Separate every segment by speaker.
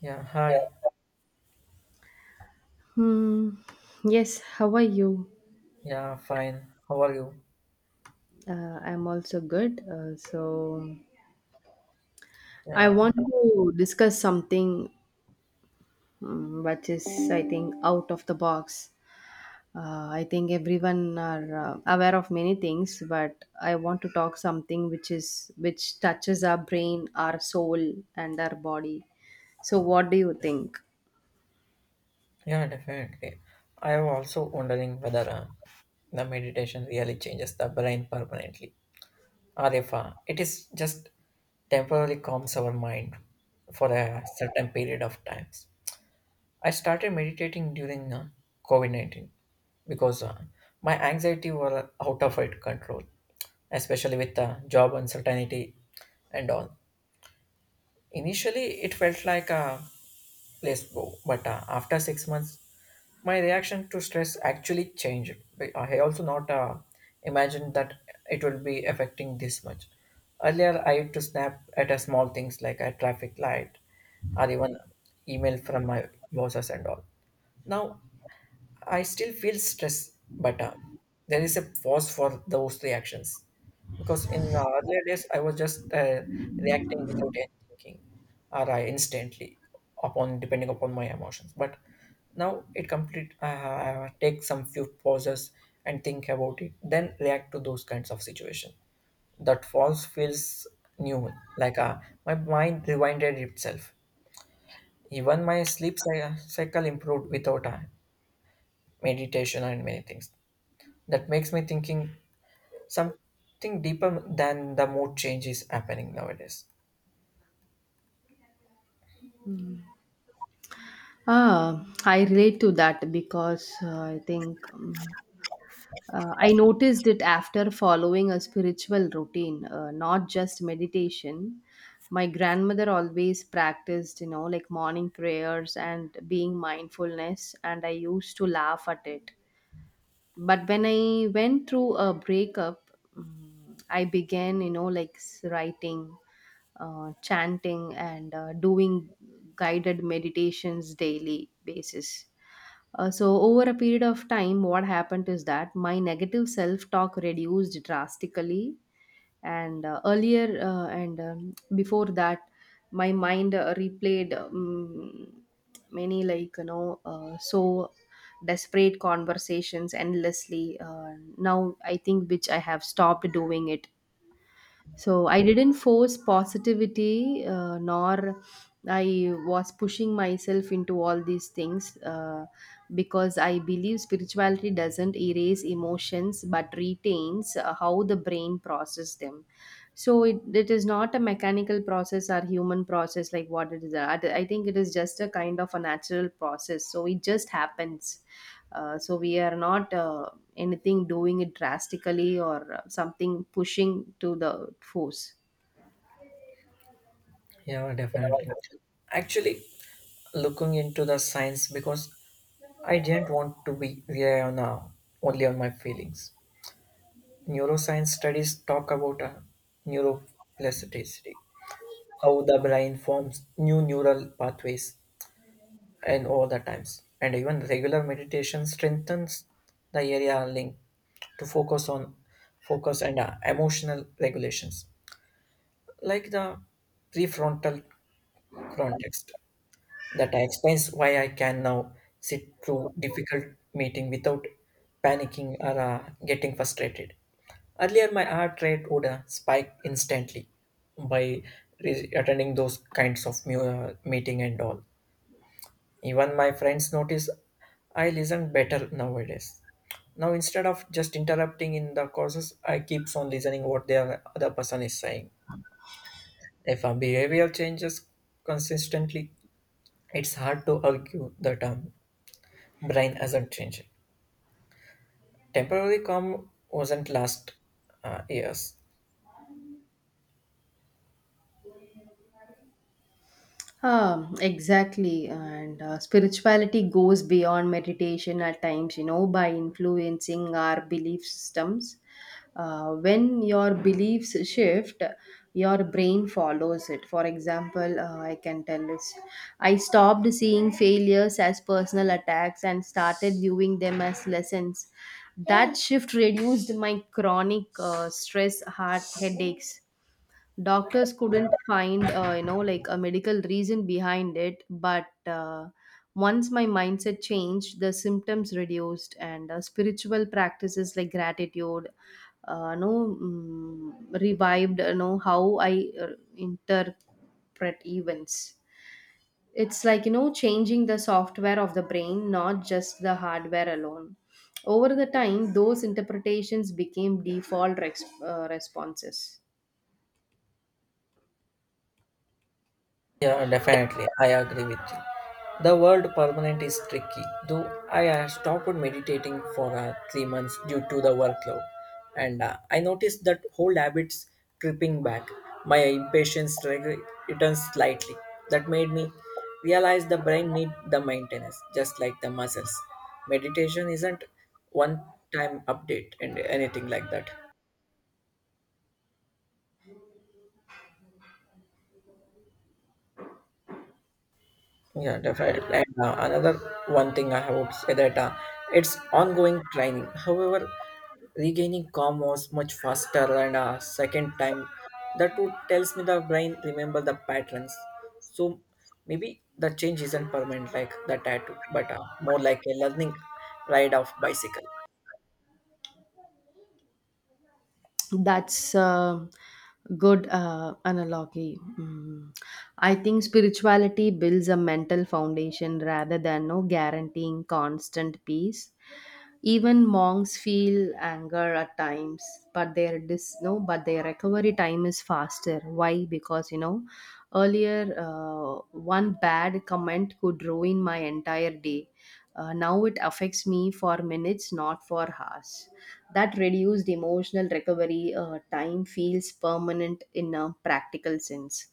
Speaker 1: Yeah, hi.
Speaker 2: Hmm. Yes, how are you?
Speaker 1: Yeah, fine. How are you?
Speaker 2: I'm also good. So I
Speaker 1: Yeah,
Speaker 2: want to discuss something which is, I think, out of the box. I think everyone are aware of many things, but I want to talk something which touches our brain, our soul, and our body. So, what do you think?
Speaker 1: yeah, definitely. I am also wondering whether the meditation really changes the brain permanently, or if it is just temporarily calms our mind for a certain period of times. I started meditating during COVID 19 because my anxiety were out of it control, especially with the job uncertainty and all. Initially, it felt like a Yes, bro. But after 6 months, my reaction to stress actually changed. But I also not imagined that it will be affecting this much. Earlier, I used to snap at a small things like a traffic light or even email from my bosses and all. Now, I still feel stress, but there is a pause for those reactions because in earlier days I was just reacting without any thinking, or I instantly upon depending upon my emotions. But now it complete. I take some few pauses and think about it, then react to those kinds of situation. That pause feels new, like my mind rewinded itself. Even my sleep cycle improved without meditation and many things that makes me thinking something deeper than the mood change is happening nowadays.
Speaker 2: Ah, I relate to that because I think I noticed it after following a spiritual routine, not just meditation. My grandmother always practiced, you know, like morning prayers and being mindfulness, and I used to laugh at it, but when I went through a breakup, I began, you know, like writing, chanting, and doing guided meditations daily basis. So over a period of time, what happened is that my negative self talk reduced drastically. And before that, my mind replayed, many, like, you know, so desperate conversations endlessly. Now I think, which I have stopped doing it. So I didn't force positivity, nor I was pushing myself into all these things, because I believe spirituality doesn't erase emotions but retains how the brain processes them. So it is not a mechanical process or human process, like what it is. I think it is just a kind of a natural process. So it just happens. So we are not anything doing it drastically or something pushing to the force.
Speaker 1: Yeah, definitely. Actually, looking into the science because I didn't want to be rely on only on my feelings. Neuroscience studies talk about neuroplasticity, how the brain forms new neural pathways and all the times, and even regular meditation strengthens the area linked to focus and emotional regulations like the prefrontal context. That explains why I can now sit through difficult meeting without panicking or getting frustrated. Earlier my heart rate would spike instantly by attending those kinds of meeting and all. Even my friends notice I listen better nowadays. Now instead of just interrupting in the courses, I keeps on listening what the other person is saying. If a behavior changes consistently, it's hard to argue that brain hasn't changed. Temporary calm wasn't last years.
Speaker 2: Exactly. And spirituality goes beyond meditation at times, you know, by influencing our belief systems. When your beliefs shift, your brain follows it. For example, I can tell this. I stopped seeing failures as personal attacks and started viewing them as lessons. That shift reduced my chronic stress, heart headaches. Doctors couldn't find you know, like a medical reason behind it, but once my mindset changed, the symptoms reduced. And spiritual practices like gratitude, no mm, revived, you know, how I interpret events. It's like, you know, changing the software of the brain, not just the hardware alone. Over the time, those interpretations became default responses.
Speaker 1: Yeah, definitely. I agree with you. The word permanent is tricky, though I stopped meditating for 3 months due to the workload. And I noticed that old habits creeping back. My impatience returns slightly. That made me realize the brain needs the maintenance, just like the muscles. Meditation isn't one time update and anything like that. Yeah, definitely. And another one thing I would say that it's ongoing training. However, regaining calm was much faster and second time. That would tells me the brain remember the patterns. So maybe the change isn't permanent like the tattoo, but more like a learning ride of bicycle.
Speaker 2: That's a good analogy. Mm. I think spirituality builds a mental foundation rather than no guaranteeing constant peace. Even monks feel anger at times, but their dis no, but their recovery time is faster. Why? Because, you know, earlier, one bad comment could ruin my entire day. Now it affects me for minutes, not for hours. That reduced emotional recovery time feels permanent in a practical sense.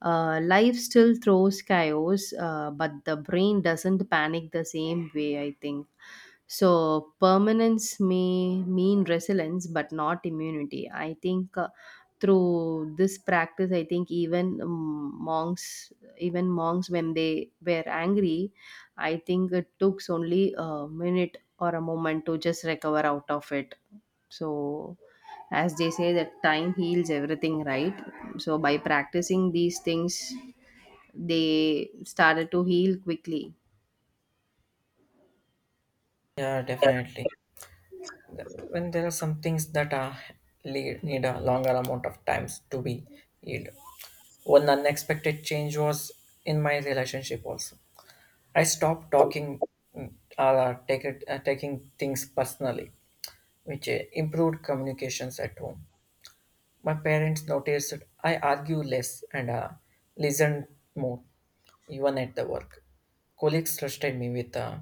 Speaker 2: Life still throws chaos, but the brain doesn't panic the same way, I think. So, permanence may mean resilience, but not immunity. I think through this practice, I think even even monks, when they were angry, I think it took only a minute or a moment to just recover out of it. So, as they say, that time heals everything, right? So, by practicing these things, they started to heal quickly.
Speaker 1: Yeah, definitely. When there are some things that are lead, need a longer amount of times to be healed, one unexpected change was in my relationship also. I stopped talking mm, or take it, taking things personally, which improved communications at home. My parents noticed I argue less and listen more, even at the work. Colleagues trusted me with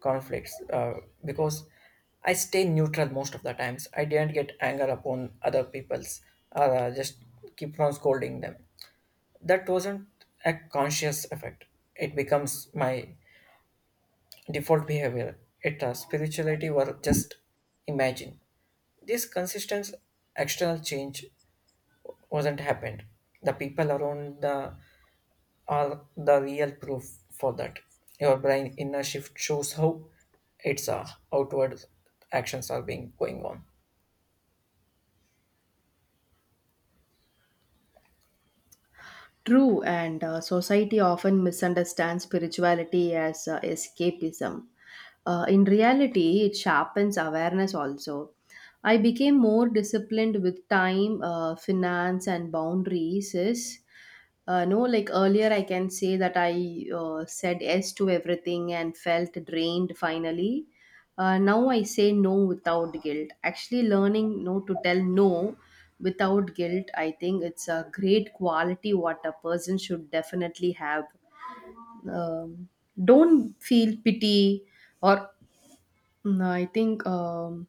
Speaker 1: conflicts because I stay neutral most of the times. I didn't get anger upon other people's or just keep on scolding them. That wasn't a conscious effect. It becomes my default behavior. It Spirituality were just imagine. This consistent external change wasn't happened. The people around the are the real proof for that. Your brain inner shift shows how its outward actions are being going on.
Speaker 2: True, and society often misunderstands spirituality as escapism. In reality, it sharpens awareness also. I became more disciplined with time, finance, and boundaries. Is no, Like earlier, I can say that I said yes to everything and felt drained finally. Now I say no without guilt. Actually, learning to tell no without guilt, I think it's a great quality what a person should definitely have. Um, don't feel pity, or I think,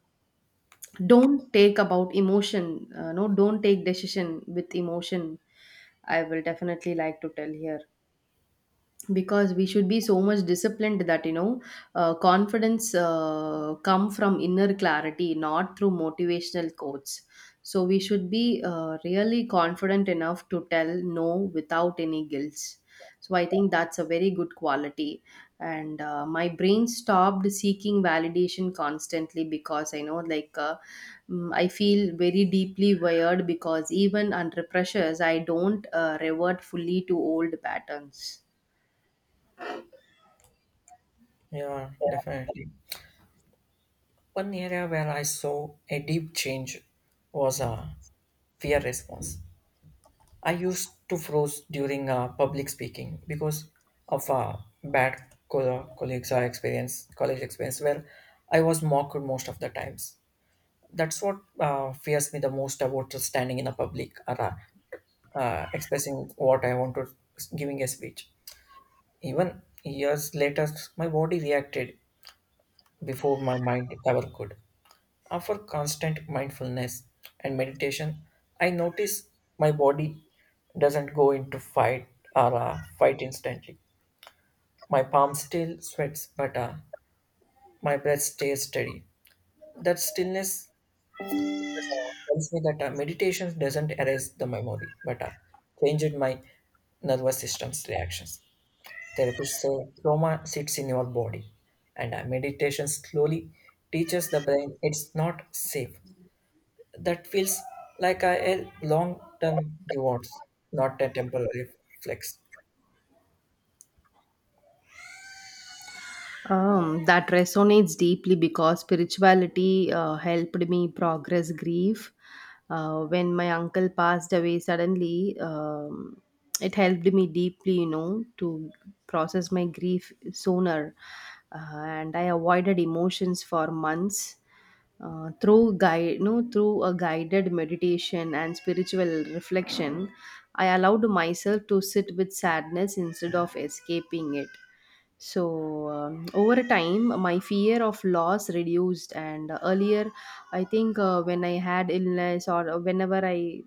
Speaker 2: don't take about emotion. No, don't take decision with emotion. I will definitely like to tell here because we should be so much disciplined that, you know, confidence come from inner clarity, not through motivational quotes. So we should be really confident enough to tell no without any guilt. So I think that's a very good quality. And my brain stopped seeking validation constantly, because I know, like, I feel very deeply wired, because even under pressures I don't revert fully to old patterns.
Speaker 1: Yeah, definitely. One area where I saw a deep change was a fear response. I used to froze during public speaking because of bad colleagues or experience, college experience, where I was mocked most of the times. That's what fears me the most about standing in a public or expressing what I want to giving a speech. Even years later, my body reacted before my mind ever could. After constant mindfulness and meditation, I notice my body doesn't go into fight or fight instantly. My palm still sweats, but my breath stays steady. That stillness tells me that meditation doesn't erase the memory, but changed my nervous system's reactions. Therapists say trauma sits in your body, and meditation slowly teaches the brain it's not safe. That feels like a long-term rewards, not a temporary flex.
Speaker 2: That resonates deeply, because spirituality helped me progress grief. When my uncle passed away suddenly, it helped me deeply, you know, to process my grief sooner. And I avoided emotions for months, through guide, no, through a guided meditation and spiritual reflection. I allowed myself to sit with sadness instead of escaping it. So over time, my fear of loss reduced, and earlier, I think when I had illness or whenever I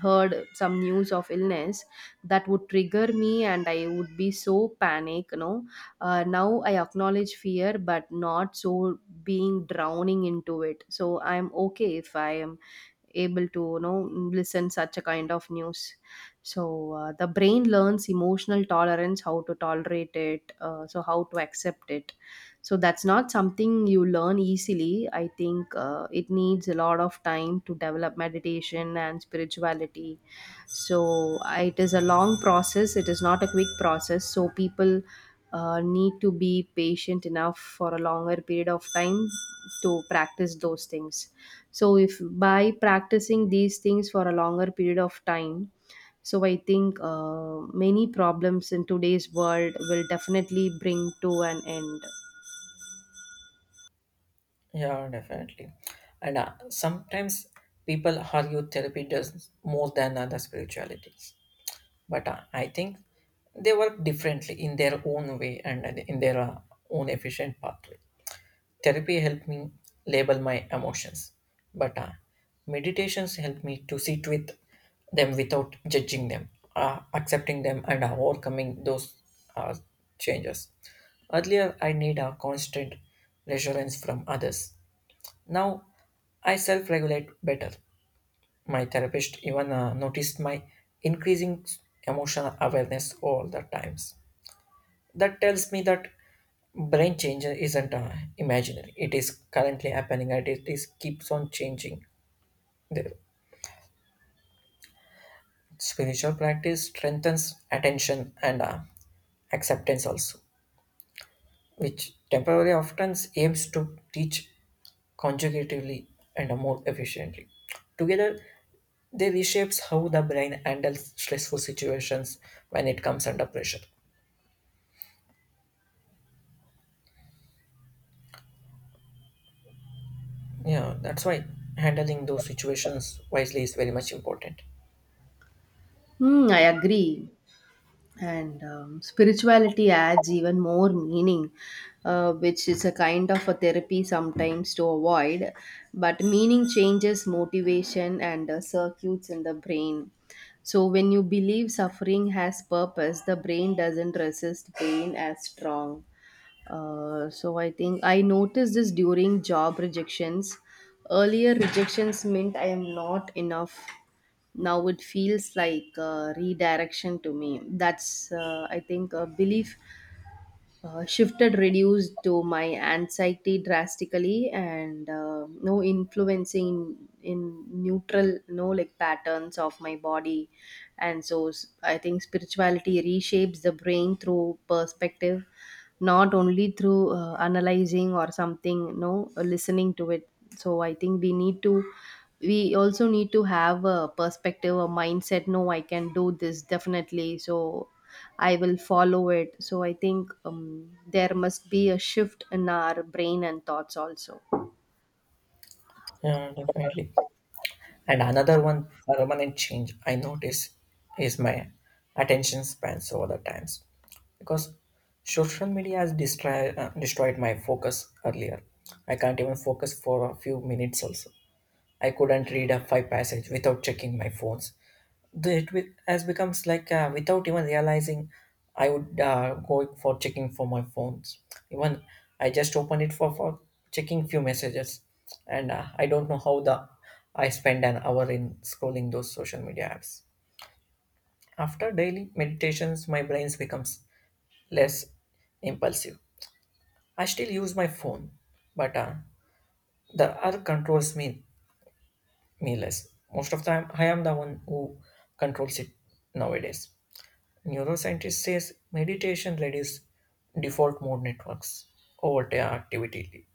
Speaker 2: heard some news of illness, that would trigger me, and I would be so panic. You know, now I acknowledge fear, but not so being drowning into it. So I'm okay if I am able to, you know, listen such a kind of news. So the brain learns emotional tolerance, how to tolerate it, so how to accept it. So that's not something you learn easily. I think it needs a lot of time to develop meditation and spirituality. So it is a long process, it is not a quick process. So people need to be patient enough for a longer period of time to practice those things. So if, by practicing these things for a longer period of time, so I think many problems in today's world will definitely bring to an end.
Speaker 1: Yeah, definitely. And sometimes people argue therapy does more than other spiritualities, but I think they work differently in their own way and in their own efficient pathway. Therapy helped me label my emotions, but meditations help me to sit with them without judging them, accepting them, and overcoming those uh, changes. Earlier, I need a constant reassurance from others. Now, I self regulate better. My therapist even noticed my increasing emotional awareness all the times. That tells me that brain change isn't imaginary. It is currently happening and it is keeps on changing. The spiritual practice strengthens attention and acceptance also, which temporarily often aims to teach conjugatively and more efficiently. Together, they reshapes how the brain handles stressful situations when it comes under pressure. Yeah, that's why handling those situations wisely is very much important.
Speaker 2: Hmm, I agree. And spirituality adds even more meaning, which is a kind of a therapy sometimes to avoid. But meaning changes motivation and circuits in the brain. So when you believe suffering has purpose, the brain doesn't resist pain as strong. So I think I noticed this during job rejections. Earlier, rejections meant I am not enough. Now it feels like redirection to me. That's, I think, a belief shifted, reduced to my anxiety drastically, and influencing in neutral no like patterns of my body. And I think spirituality reshapes the brain through perspective, not only through analyzing or something, no listening to it. So I think we need to, we also need to have a perspective, a mindset, no I can do this definitely. So I will follow it. So I think there must be a shift in our brain and thoughts also.
Speaker 1: Yeah, definitely. And another one permanent change I notice is my attention spans over the times because social media has destroyed my focus earlier. I can't even focus for a few minutes also. I couldn't read a five passage without checking my phones. Has becomes like without even realizing, I would go for checking for my phones. Even I just open it for checking few messages, and I don't know how the I spend an hour in scrolling those social media apps. After daily meditations, my brains becomes less impulsive. I still use my phone, but the earth controls me less. Most of the time, I am the one who controls it nowadays. Neuroscientist says meditation reduces default mode networks over the activity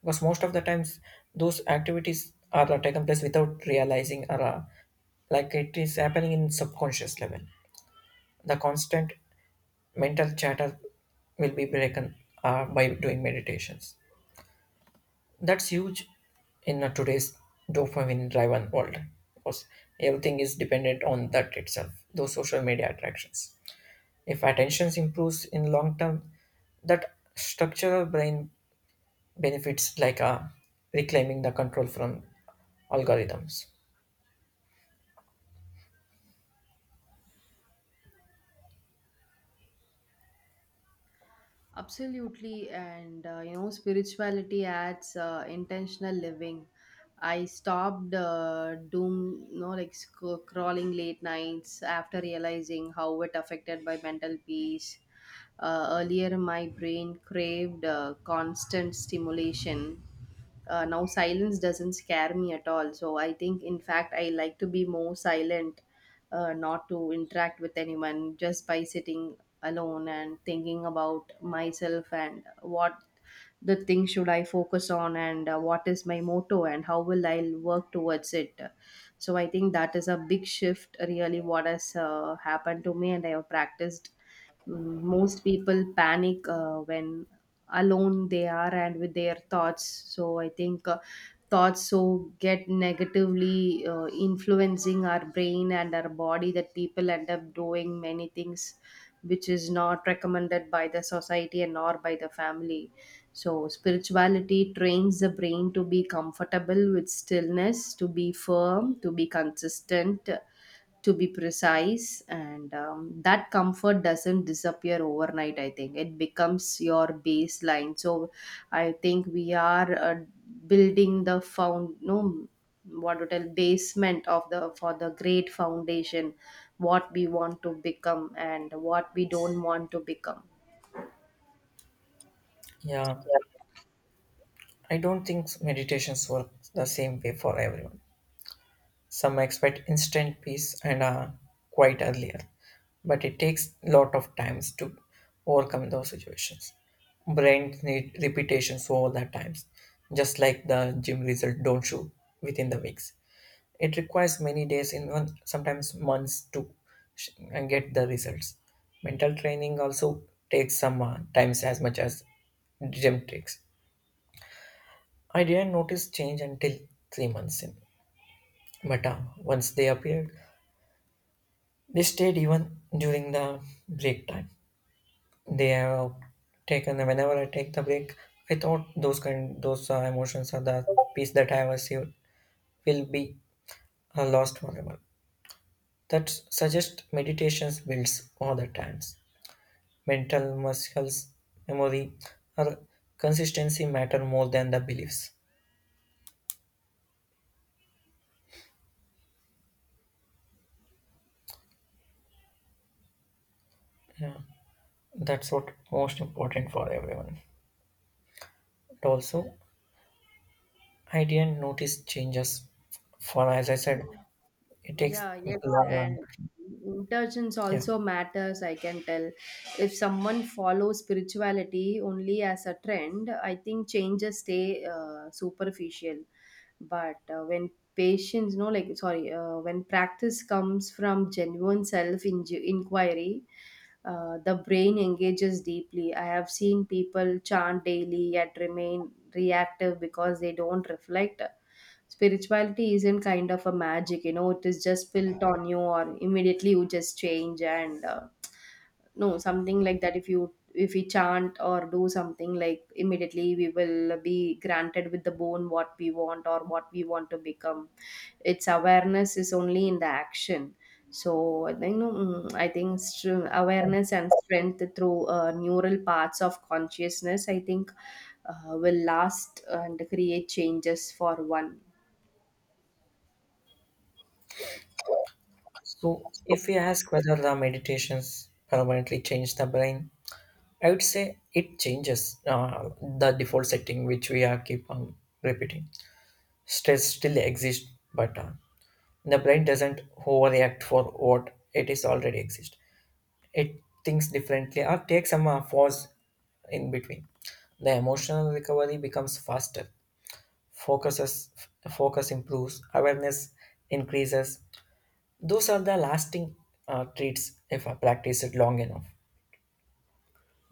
Speaker 1: because most of the times those activities are taken place without realizing or like it is happening in subconscious level. The constant mental chatter will be broken by doing meditations. That's huge in today's dopamine-driven world because everything is dependent on that itself. Those social media attractions. If attention improves in long term, that structural brain benefits like reclaiming the control from algorithms.
Speaker 2: Absolutely, and you know, spirituality adds intentional living. I stopped doom, you know, like crawling late nights after realizing how it affected my mental peace. Earlier, my brain craved constant stimulation. Now, silence doesn't scare me at all. So, I think, in fact, I like to be more silent, not to interact with anyone, just by sitting alone and thinking about myself and what the thing should I focus on, and what is my motto and how will I work towards it. So I think that is a big shift, really, what has happened to me and I have practiced. Mm, most people panic when alone they are and with their thoughts. So I think thoughts so get negatively influencing our brain and our body, that people end up doing many things which is not recommended by the society and nor by the family. So spirituality trains the brain to be comfortable with stillness, to be firm, to be consistent, to be precise. And that comfort doesn't disappear overnight. I think it becomes your baseline. So I think we are building the found no what to tell, basement of the for the great foundation what we want to become and what we don't want to become.
Speaker 1: Yeah, I don't think meditations work the same way for everyone. Some expect instant peace and are quite earlier, but it takes a lot of times to overcome those situations. Brains need repetitions over the times, just like the gym result don't show within the weeks. It requires many days, in one sometimes months to and get the results. Mental training also takes some times as much as gym takes. I didn't notice change until 3 months in, but once they appeared, they stayed even during the break time. They have taken whenever I take the break, I thought those kind those emotions are the peace that I have received will be lost forever. That suggests meditations builds all the times. Mental muscles, memory, or consistency matter more than the beliefs. Yeah, that's what most important for everyone. But also, I didn't notice changes. For as I said, it takes
Speaker 2: Yeah, yes,
Speaker 1: longer.
Speaker 2: and intentions
Speaker 1: Yeah.
Speaker 2: also matters, I can tell. If someone follows spirituality only as a trend, I think changes stay superficial. But when patience, no, like, sorry, when practice comes from genuine self inju inquiry, the brain engages deeply. I have seen people chant daily yet remain reactive because they don't reflect. Spirituality isn't kind of a magic, you know, it is just built on you, or immediately you just change, and no, something like that. If we chant or do something, like, immediately we will be granted with the bone what we want or what we want to become. Its awareness is only in the action. So I think no, mm, I think, awareness and strength through neural parts of consciousness, I think will last and create changes for one.
Speaker 1: So if we ask whether the meditations permanently change the brain, I would say it changes the default setting which we are keep on repeating. Stress still exists, but the brain doesn't overreact for what it is already exist. It thinks differently or takes some pause in between. The emotional recovery becomes faster. Focuses, focus improves. Awareness increases. Those are the lasting traits if I practice it long enough.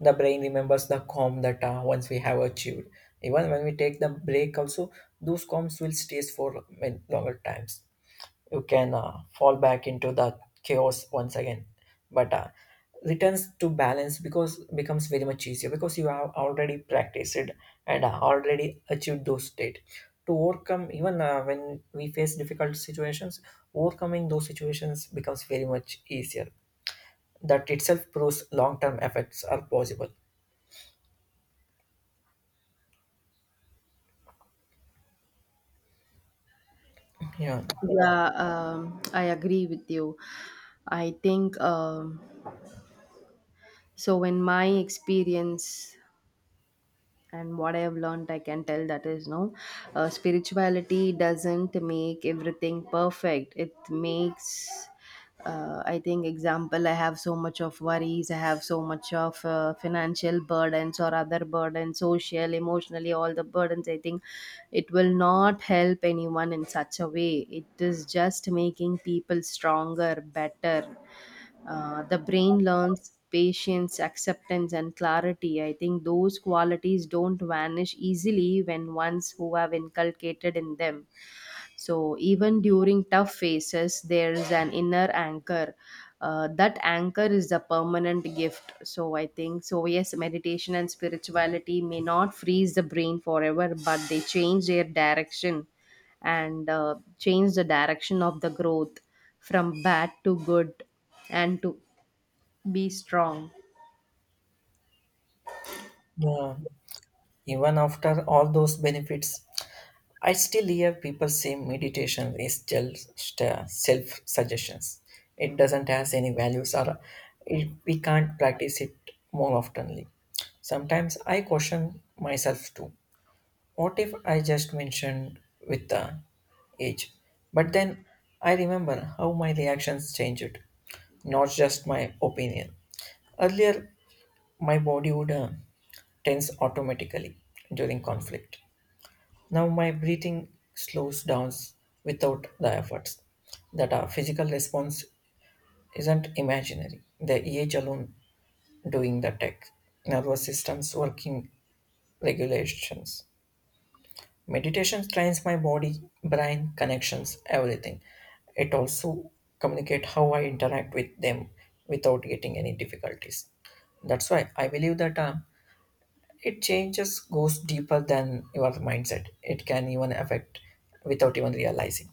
Speaker 1: The brain remembers the calm that once we have achieved. Even when we take the break, also those calms will stays for many longer times. You can fall back into the chaos once again, but returns to balance because becomes very much easier because you have already practiced it and already achieved those state to overcome even when we face difficult situations. Overcoming those situations becomes very much easier. That itself proves long-term effects are possible. Yeah.
Speaker 2: Yeah, I agree with you. I think In my experience and what I have learned, I can tell that is spirituality doesn't make everything perfect. It makes I think, example, I have so much of worries, I have so much of financial burdens or other burdens, social, emotionally, all the burdens. I think it will not help anyone in such a way. It is just making people stronger, better. The brain learns patience, acceptance, and clarity. I think those qualities don't vanish easily when ones who have inculcated in them. So even during tough phases, there's an inner anchor. That anchor is a permanent gift. So I think so. Yes, meditation and spirituality may not freeze the brain forever, but they change their direction, and change the direction of the growth from bad to good, and to be strong.
Speaker 1: Yeah. Even after all those benefits, I still hear people say meditation is just self suggestions. It doesn't has any values or it, we can't practice it more oftenly. Sometimes I question myself too. What if I just mentioned with the age? But then I remember how my reactions changed, not just my opinion. Earlier, my body would tense automatically during conflict. Now my breathing slows down without the efforts. That our physical response isn't imaginary. The EH alone doing the tech, nervous systems working regulations. Meditation trains my body, brain, connections, everything. It also communicate how I interact with them without getting any difficulties. That's why I believe that it changes goes deeper than your mindset. It can even affect without even realizing.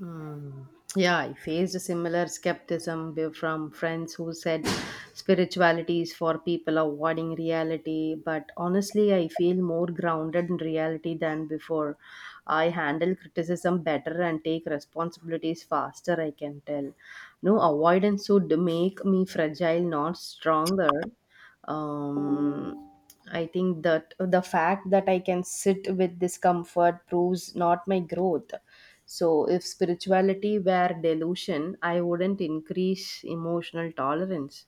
Speaker 2: Mm. Yeah, I faced a similar skepticism from friends who said spirituality is for people avoiding reality. But honestly, I feel more grounded in reality than before. I handle criticism better and take responsibilities faster, I can tell. No, avoidance would make me fragile, not stronger. Um, I think that the fact that I can sit with discomfort proves not my growth. So, if spirituality were delusion, I wouldn't increase emotional tolerance.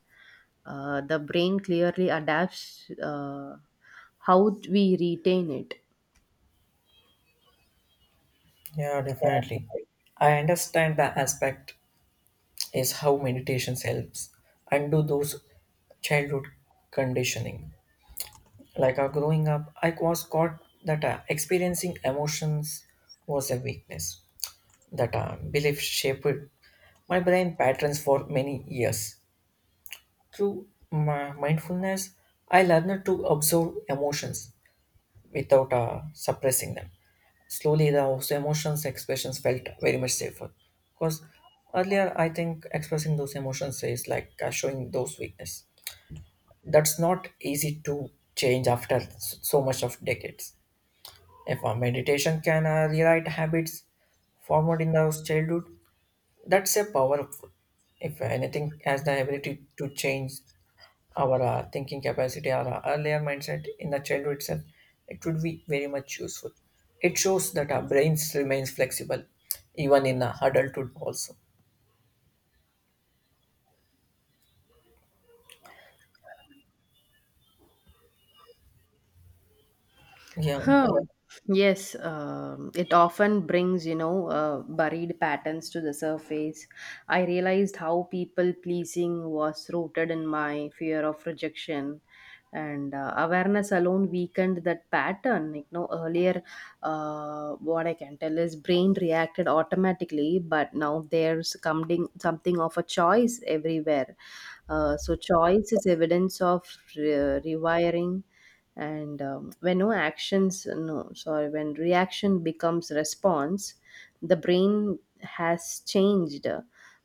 Speaker 2: The brain clearly adapts how we retain it.
Speaker 1: Yeah, definitely. I understand the aspect is how meditation helps undo those childhood conditioning. Like growing up, I was taught that experiencing emotions was a weakness. That belief shaped my brain patterns for many years. Through my mindfulness, I learned to observe emotions without suppressing them. Slowly, the those emotions expressions felt very much safer. Because earlier, I think expressing those emotions is like showing those weakness. That's not easy to change after so much of decades. If a meditation can rewrite habits formed in our childhood, that's a powerful. If anything has the ability to change our thinking capacity, our earlier mindset in the childhood itself, it would be very much useful. It shows that our brains remains flexible even in adulthood also. Yeah,
Speaker 2: Huh. Yes, it often brings, you know, buried patterns to the surface. I realized how people pleasing was rooted in my fear of rejection, and awareness alone weakened that pattern. You know, earlier, what I can tell is brain reacted automatically, but now there's coming something of a choice everywhere. So choice is evidence of rewiring. And when no actions no sorry when reaction becomes response, the brain has changed.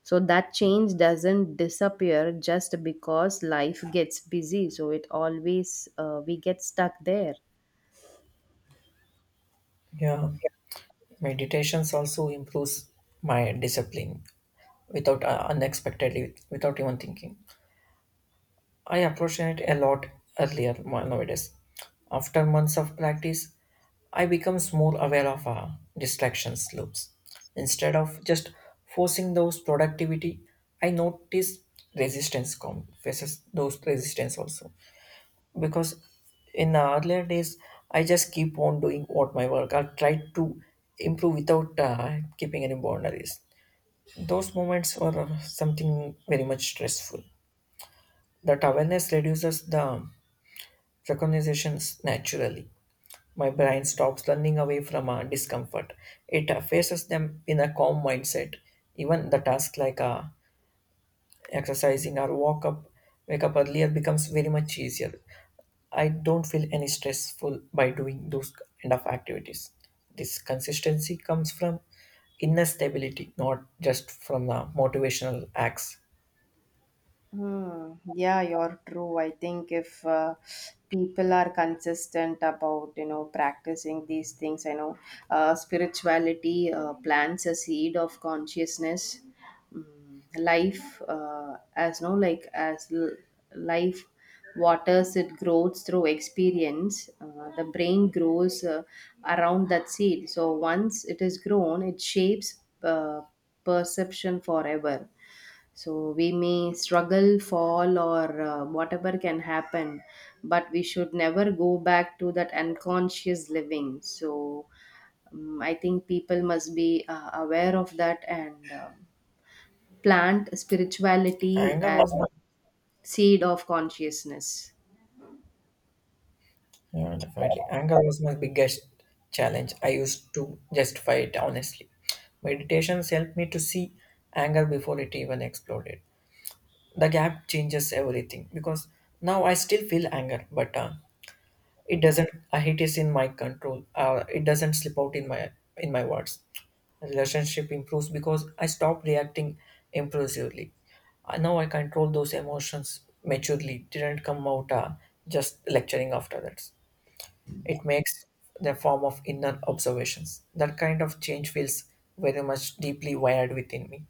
Speaker 2: So that change doesn't disappear just because life gets busy, so it always, we get stuck there.
Speaker 1: yeah. Meditations also improves my discipline without unexpectedly, without even thinking. I appreciate it a lot earlier nowadays. After months of practice, I becomes more aware of distractions loops. Instead of just forcing those productivity, I notice resistance come faces those resistance also. Because in the earlier days, I just keep on doing what my work. I try to improve without keeping any boundaries. Those moments were something very much stressful. That awareness reduces the recognitions naturally. My brain stops running away from our discomfort. It faces them in a calm mindset. Even the task like exercising or walk up, wake up earlier becomes very much easier. I don't feel any stressful by doing those kind of activities. This consistency comes from inner stability, not just from the motivational acts.
Speaker 2: Hmm. Yeah, you're true. I think if people are consistent about, you know, practicing these things, I know spirituality plants a seed of consciousness. Life, as no like as l- life waters, it grows through experience. The brain grows around that seed. So once it is grown, it shapes uh, perception forever. So we may struggle, fall, or whatever can happen, but we should never go back to that unconscious living. So I think people must be aware of that, and plant spirituality
Speaker 1: Anger
Speaker 2: and
Speaker 1: was my
Speaker 2: seed of consciousness.
Speaker 1: Yeah, definitely. Anger was my biggest challenge. I used to justify it honestly. Meditations helped me to see anger before it even exploded. The gap changes everything because now I still feel anger, but it doesn't. It is in my control. It doesn't slip out in my words. Relationship improves because I stop reacting impulsively. Now I control those emotions maturely. Didn't come out just lecturing after that. It makes the form of inner observations. That kind of change feels very much deeply wired within me.